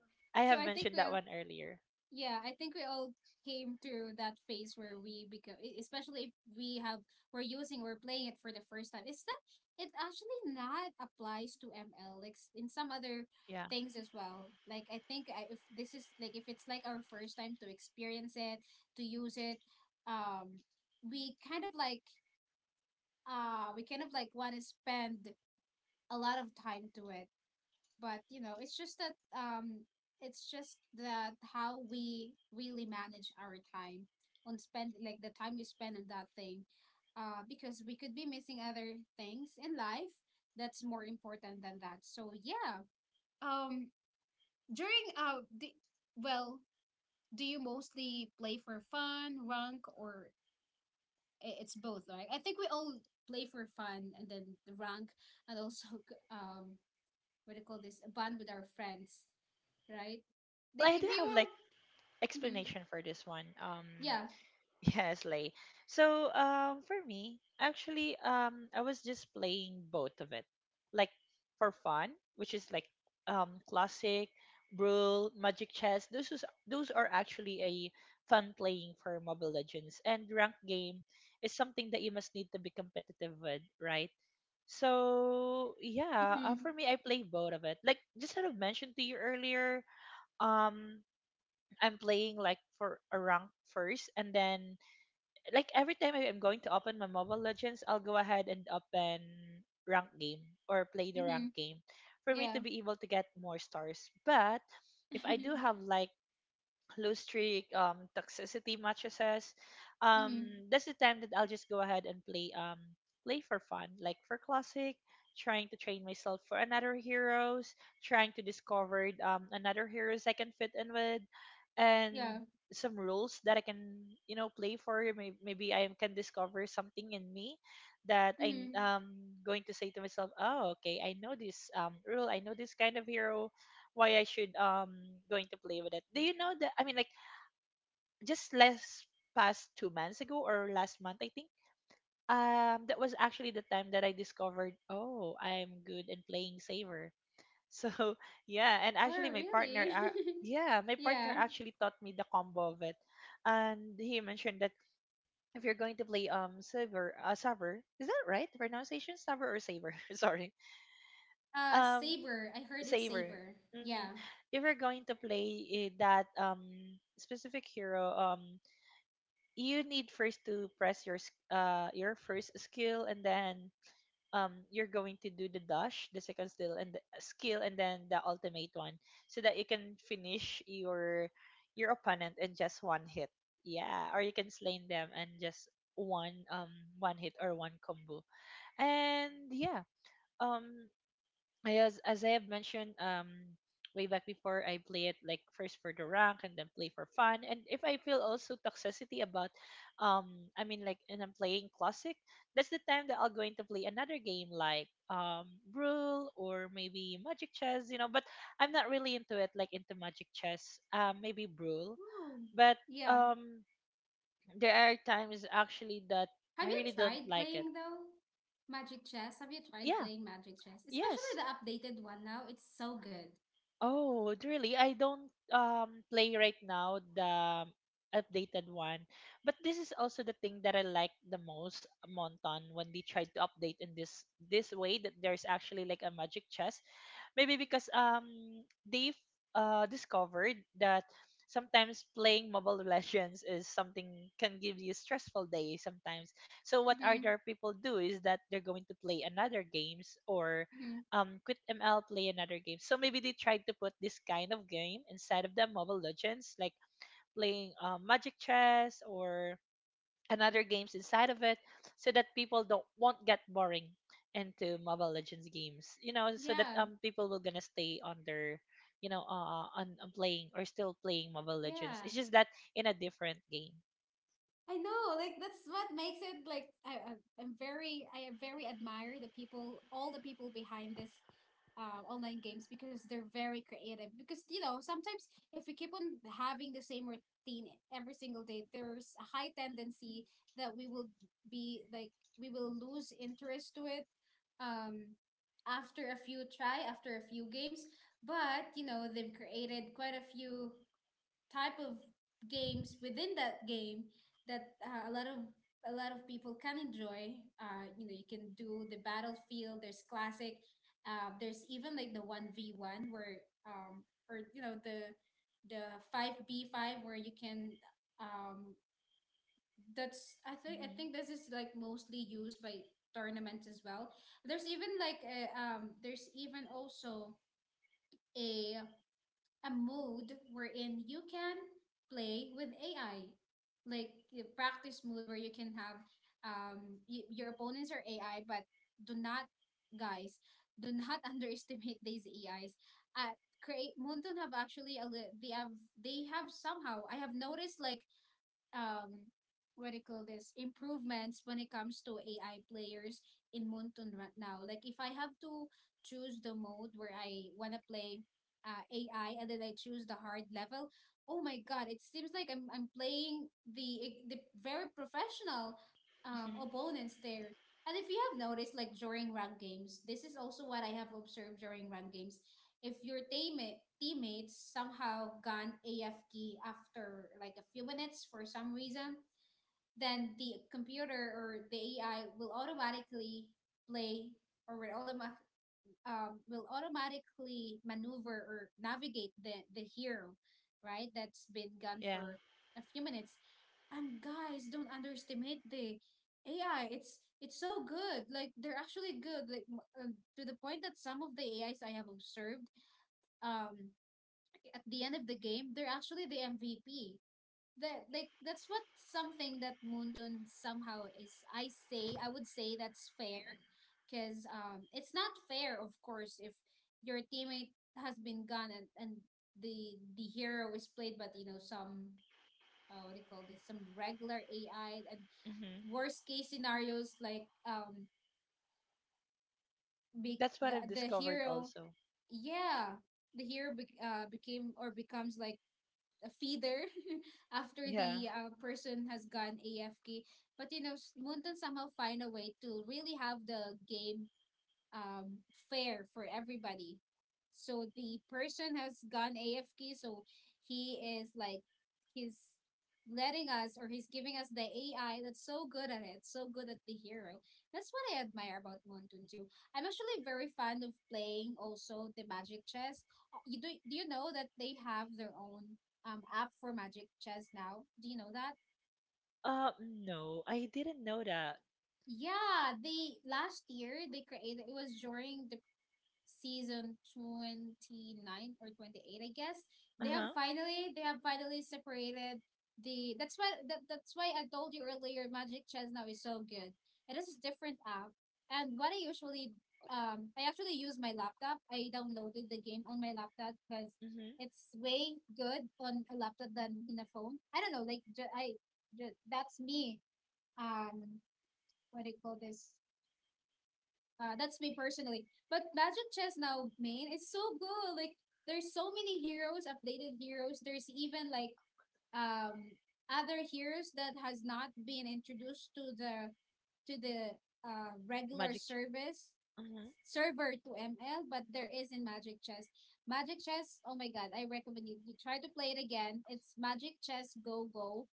I
So
have
I think
mentioned
we,
that one earlier.
yeah, I think we all came through that phase where we become, especially if we have, we're using, we're playing it for the first time. It's not, it actually not applies to ML, like in some other
Yeah,
things as well. Like, I think I, if this is like, if it's like our first time to experience it, to use it, um, we kind of like, we kind of like want to spend a lot of time to it. But you know, it's just that how we really manage our time on spend, like the time we spend on that thing, because we could be missing other things in life that's more important than that. So yeah. Um, during well, do you mostly play for fun, rank, or it's both, right? I think we all play for fun and then the rank, and also um what do you call this, a bond with our friends, right? Like
well, I
if
do
you
have like
were, hmm,
explanation for this one.
yeah,
Yes, Lay. So, for me, actually, I was just playing both of it, like for fun, which is like classic, Brawl, Magic Chess. Those are actually a fun playing for Mobile Legends, and ranked game is something that you must need to be competitive with, right? So yeah,
hmm,
for me, I play both of it. Like just sort of mentioned to you earlier, um, I'm playing like for a rank first, and then like every time I am going to open my Mobile Legends, I'll go ahead and open rank game or play the rank
hmm,
game for me to
yeah,
be able to get more stars. But if I do have like low streak, toxicity mattresses.
hmm,
That's the time that I'll just go ahead and play play for fun, like for classic, trying to train myself for another heroes, trying to discover another heroes I can fit in with,
yeah,
and some rules that I can you know play for. Maybe I can discover something in me that I'm
hmm,
going to say to myself, oh okay, I know this rule, I know this kind of hero, why I should going to play with it. Do you know that, I mean like just last past 2 months ago or last month, I think that was actually the time that I discovered oh I'm good in playing Saver. So yeah, and actually
oh
my partner
really?
yeah, my partner
Yeah.
actually taught me the combo of it, and he mentioned that if you're going to play Saver, Saver, is that right, the pronunciation, Saver or Saver? Sorry, um
Saber. I heard it's
Saver.
Saber.
Hmm.
Yeah.
If you're going to play eh, that specific hero, you need first to press your your first skill, and then you're going to do the dash, the second skill, and the skill, and then the ultimate one, so that you can finish your opponent in just one hit. Yeah, or you can slay them and just one one hit or one combo. And yeah, um I, as I have mentioned way back before, I play it like first for the rank and then play for fun. And if I feel also toxicity about I mean like and I'm playing classic, that's the time that I'll going to play another game like Brule or maybe Magic Chess, but I'm not really into it like into Magic Chess. Maybe Brule.
Ooh.
But
Yeah.
um there are times actually that
Have
I
you
really don't
tried
like it.
playing though? Magic Chess. Have you tried
Yeah.
playing Magic Chess? Especially
Yes.
the updated one now. It's so good.
Oh, really? I don't play right now the updated one. But this is also the thing that I like the most, Monton, when they tried to update in this this way that there's actually like a magic chest. Maybe because they've discovered that sometimes playing Mobile Legends is something can give you stressful day sometimes. So what
Mm-hmm.
other people do is that they're going to play another games or
Mm-hmm.
quit ML, play another game. So maybe they tried to put this kind of game inside of the Mobile Legends, like playing Magic Chess or another games inside of it, so that people don't won't get boring into Mobile Legends games. You know, so that
Yeah.
people will gonna stay on their on playing or still playing Mobile Legends.
Yeah.
It's just that in a different game.
I know, like that's what makes it like I'm very, I very admire the people, all the people behind this, online games, because they're very creative. Because you know, sometimes if we keep on having the same routine every single day, there's a high tendency that we will be like, we will lose interest to it, um after a few try, after a few games. But you know, they've created quite a few type of games within that game that a lot of, a lot of people can enjoy. You know, you can do the battlefield. There's classic. There's even like the one v one where or you know, the five b five where you can um that's I think, I
Hmm.
think this is like mostly used by tournaments as well. There's even like a, there's even also a a mode wherein you can play with AI, like a practice mode where you can have um your opponents are AI, but do not, guys, do not underestimate these AIs. Uh, create Moonton have actually they have, they have somehow, I have noticed like um what do you call this, improvements when it comes to AI players in Moonton right now. Like if I have to choose the mode where I wanna play, AI, and then I choose the hard level, oh my god, it seems like I'm playing the very professional
Hmm.
opponents there. And if you have noticed, like during rank games, this is also what I have observed during rank games, if your teammates somehow gone AFK after like a few minutes for some reason, then the computer or the AI will automatically play or will will automatically maneuver or navigate the hero, right? That's been gone
Yeah.
for a few minutes. And guys, don't underestimate the AI. It's so good. Like they're actually good. Like to the point that some of the AIs I have observed um at the end of the game, they're actually the MVP. That, like that's what something that Moonton somehow is. I say, I would say that's fair, because it's not fair, of course, if your teammate has been gone, and, the hero is played, but you know, some, what do you call this? Some regular AI. And
Hmm.
worst case scenarios like be
That's
the
what I've
the
discovered
hero,
also.
yeah, the hero became or becomes like a feeder after
Yeah.
the, person has gone AFK. But you know, Moonton somehow find a way to really have the game um fair for everybody. So the person has gone AFK, so he is like, he's letting us, or he's giving us the AI that's so good at it, so good at the hero. That's what I admire about Mountain 2. I'm actually very fond of playing also the magic chess. You do, do you know that they have their own app for magic chess now? Do you know that?
No, I didn't know that.
Yeah, they last year they created, it was during the season 29 or 28, I guess,
Uh-huh.
they have finally separated the that's why, that's why I told you earlier magic chess now is so good. It is a different app. And what I usually, I actually use my laptop, I downloaded the game on my laptop because
Mm-hmm.
it's way good on a laptop than in a phone. I don't know like, that's me, um what do you call this, that's me personally. But Magic Chess now, main, is so good. Like there's so many heroes, updated heroes. There's even like um other heroes that has not been introduced to the, to the regular
Magic Chat.
service
Mm-hmm.
server to ML, but there is in Magic Chess. Magic Chess, oh my god, I recommend you, you try to play it again. It's Magic Chess Go Go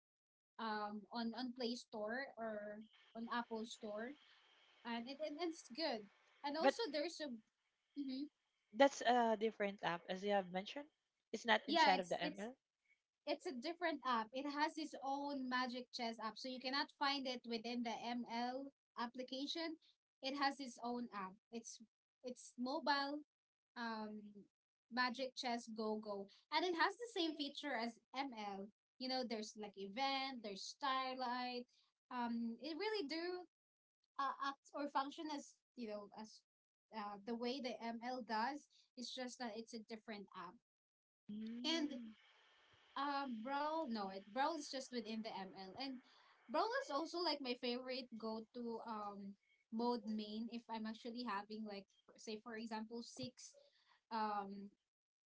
on Play Store or on Apple Store, and it it's good. And
But
also, there's a mm-hmm.
that's a different app, as you have mentioned. It's not
Yeah,
inside of the ML.
it's a different app. It has its own magic chess app, so you cannot find it within the ML application. It has its own app. It's mobile, um, Magic Chess Go Go, and it has the same feature as ML. You know, there's like event, there's starlight. It really do, act or function as you know as, the way the ML does. It's just that it's a different app. And
Mm.
Brawl, no, it Brawl is just within the ML. And Brawl is also like my favorite go to mode main, if I'm actually having like, say for example six, um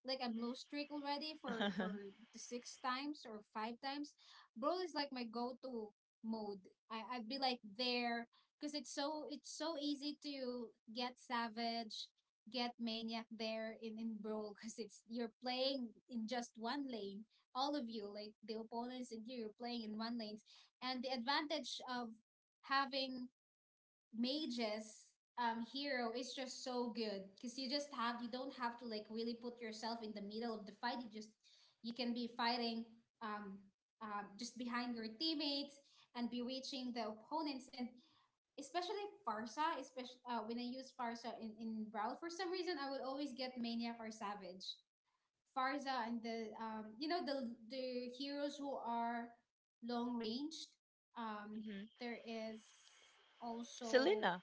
like I'm low streak already for the six times or five times, Brawl is like my go to mode. I'd be like there because it's so easy to get savage, get maniac there in Brawl because it's you're playing in just one lane. All of you like the opponents and you're playing in one lane, and the advantage of having mage's hero is just so good because you don't have to like really put yourself in the middle of the fight you can be fighting um, just behind your teammates and bewitching the opponents. And especially farsa, especially when I use farsa in brawl, for some reason I would always get maniac or savage. Farsa and the you know the heroes who are long ranged
Mm-hmm.
there is also,
Selena.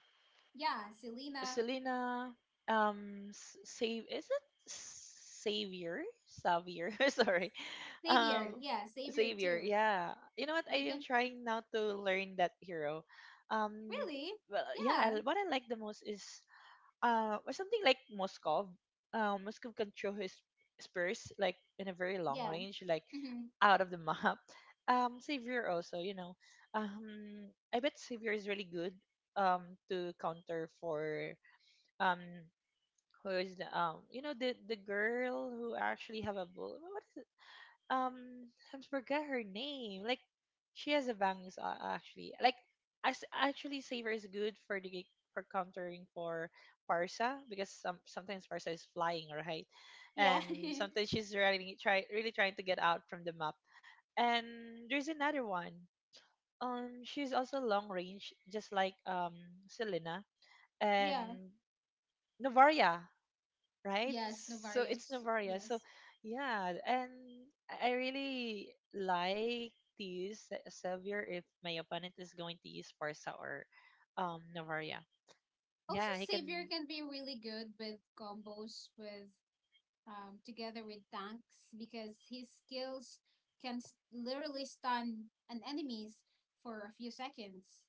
yeah, Selena.
Selena. S- Save. Is it Savior? Savior. Sorry.
Xavier.
Um.
Yeah, Xavier
Xavier,
too.
yeah. You know what?
You
I am
can.
trying now to learn that hero. Um,
Really?
well, yeah.
Yeah.
I- What I like the most is or something like Moskov. Moskov can throw his spurs like in a very long
Yeah.
range, like
hmm
out of the map. Xavier also, you know, I bet Xavier is really good um to counter for um who is the you know the girl who actually have a bull. What is it? um I forgot her name. Like she has a bangs actually. Like I s- actually Saver is good for the for countering for Parsa because sometimes Parsa is flying, right,
Yeah.
and sometimes she's really trying to get out from the map. And there's another one. She's also long range, just like Selena
Yeah.
and Novaria, right?
Yes,
So it's
Novarius.
Novaria. So
Yes.
yeah, and I really like to use Se- Sevier if my opponent is going to use Parsa or Novaria.
Also,
Yeah, he can.
Xavier can be really good with combos with together with tanks because his skills literally stun an enemies for a few seconds.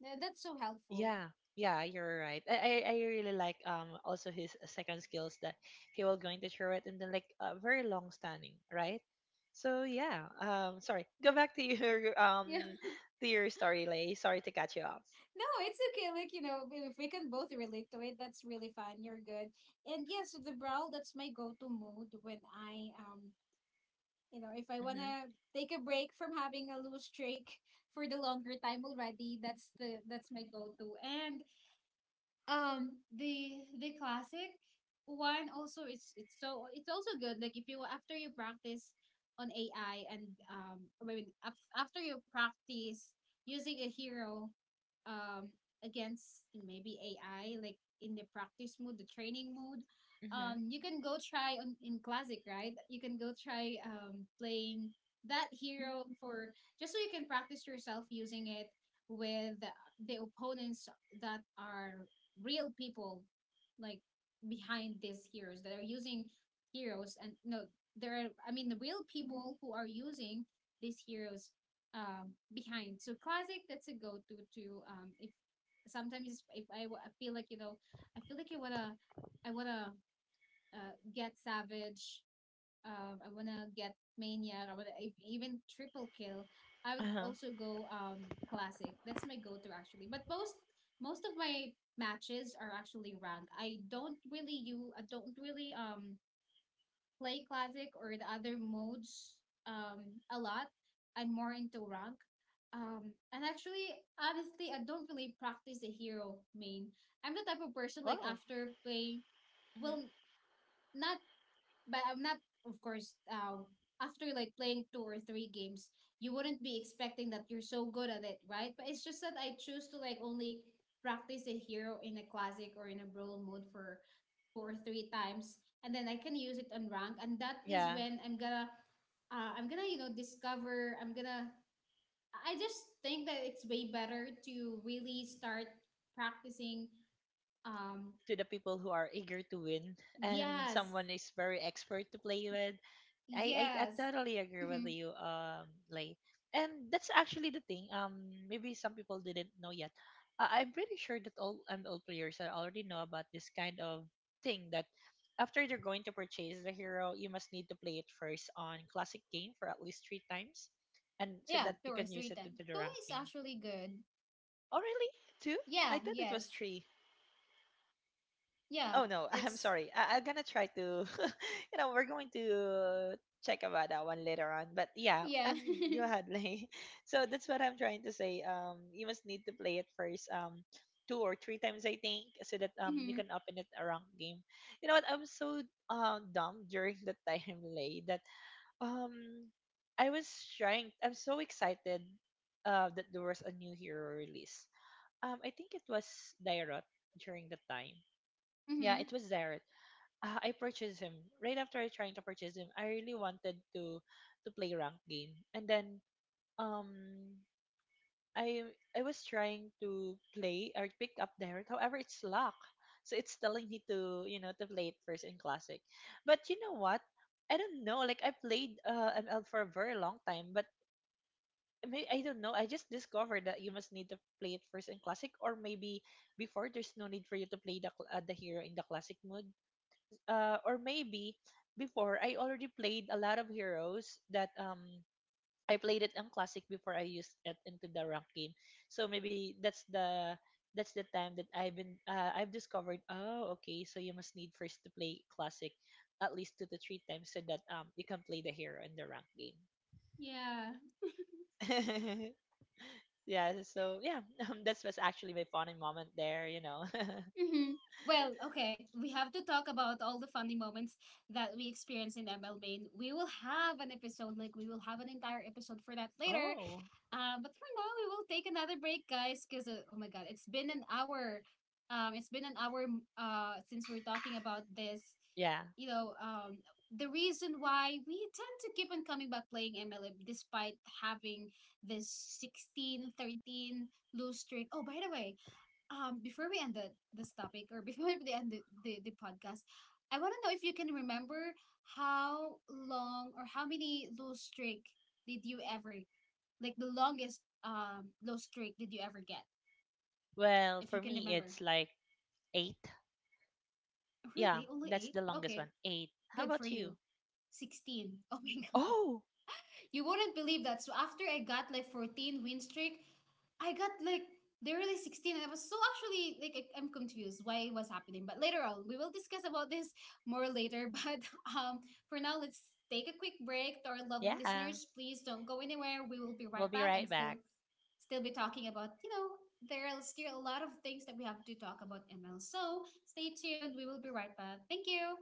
That's so helpful.
Yeah, yeah, you're right. I really like also his second skills that he will going to throw it and then like very long standing, right? So yeah, sorry. Go back to your um to your story, Lay. Sorry to catch you off.
No, it's okay. Like, you know, if we can both relate to it, that's really fun. You're good. And yes, the growl, that's my go-to mood when I you know, if I
Mhm.
wanna take a break from having a loose streak for the longer time already, that's the that's my go-to. And the classic one also, it's also good. Like if you, after you practice on AI and I mean, after you practice using a hero, um, against maybe AI, like in the practice mode, the training mode,
Mhm.
you can go try on in classic, right? You can go try playing that hero for, just so you can practice yourself using it with the opponents that are real people, like behind these heroes that are using heroes. And no there are I mean the real people who are using these heroes behind. So classic, that's a go-to to if sometimes, if I feel like, you know, I feel like I wanna get savage, I wanna get maniac. I wanna even triple kill. I would
Uh huh.
also go classic. That's my go to actually. But most of my matches are actually ranked. I don't really play classic or the other modes a lot. I'm more into rank. And actually, honestly, I don't really practice the hero main. I'm the type of person like
Wow.
after playing, well, not, but I'm not, of course, after like playing two or three games, you wouldn't be expecting that you're so good at it, right? But it's just that I choose to like only practice a hero in a classic or in a brawl mode for two or three times, and then I can use it on rank, and that is
Yeah,
when I'm gonna, I'm gonna, you know, discover. I'm gonna. I just think that it's way better to really start practicing. Um.
to the people who are eager to win and
Yes.
someone is very expert to play with. I
Yes.
totally agree with
Mhm.
you, like, and that's actually the thing, maybe some people didn't know yet. I'm pretty sure that all and all players are already know about this kind of thing that after you're going to purchase the hero you must need to play it first on classic game for at least three times, and so
Yeah,
that
two
you
or
can use
three
it
ten.
into the
Two
rank
is
game.
actually good.
Oh really? Two? I
Yeah,
thought it was
yes.
three.
Yeah,
Oh no, I'm
it's
sorry. I'm gonna try to, you know, we're going to check about that one later on. But yeah,
yeah.
go ahead, Lay. So that's what I'm trying to say. You must need to play it first, two or three times, I think, so that you
Mhm.
can open it a ranked game. You know what? I'm so dumb during the time, Lay, that um I was trying. I'm so excited that there was a new hero release. I think it was Dairot during the time. Yeah, it
Mhm.
was there. I purchased him right after I trying to purchase him. I really wanted to play rank game, and then um I I was trying to play or pick up Derek. However, it's lock, so it's telling me to you know to play it first in classic. But you know what? I don't know. Like I played ML for a very long time, but may- I don't know. I just discovered that you must need to play it first in classic, or maybe before there's no need for you to play the cl- the hero in the classic mode, or maybe before I already played a lot of heroes that I played it in classic before I used it into the rank game. So maybe that's the time that I've been I've discovered. Oh, okay. So you must need first to play classic at least two to three times so that you can play the hero in the rank game.
Yeah.
Yeah. So yeah, that was actually my fun moment there. You know.
Mhm. Well, okay, we have to talk about all the funny moments that we experience in ML Main. We will have an episode, like we will have an entire episode for that later.
Oh.
But for now, we will take another break, guys, because oh my god, it's been an hour. It's been an hour. Since we're talking about this,
Yeah.
you know, the reason why we tend to keep on coming back playing MLM despite having this 16, 13 lose streak. Oh, by the way, um, before we end this topic, or before we end the podcast, I want to know if you can remember how long or how many lose streak did you ever like the longest lose streak did you ever get,
Well,
if you
for
can
me,
remember.
it's like eight. Yeah,
Really, only
that's
eight,
the longest
okay,
one. Eight. How
good for
about
you.
you?
16, oh my god,
Oh,
you wouldn't believe that. So after I got like 14 win streak, I got like, they were like 16, and I was so actually like, I'm confused why it was happening. But later on, we will discuss about this more later. But um, for now, let's take a quick break to our loved
yeah,
listeners. Please don't go anywhere. We will be
we'll
right
be
back
right
and still
back.
still be talking about, you know, there are still a lot of things that we have to talk about ML. So stay tuned. We will be right back. Thank you.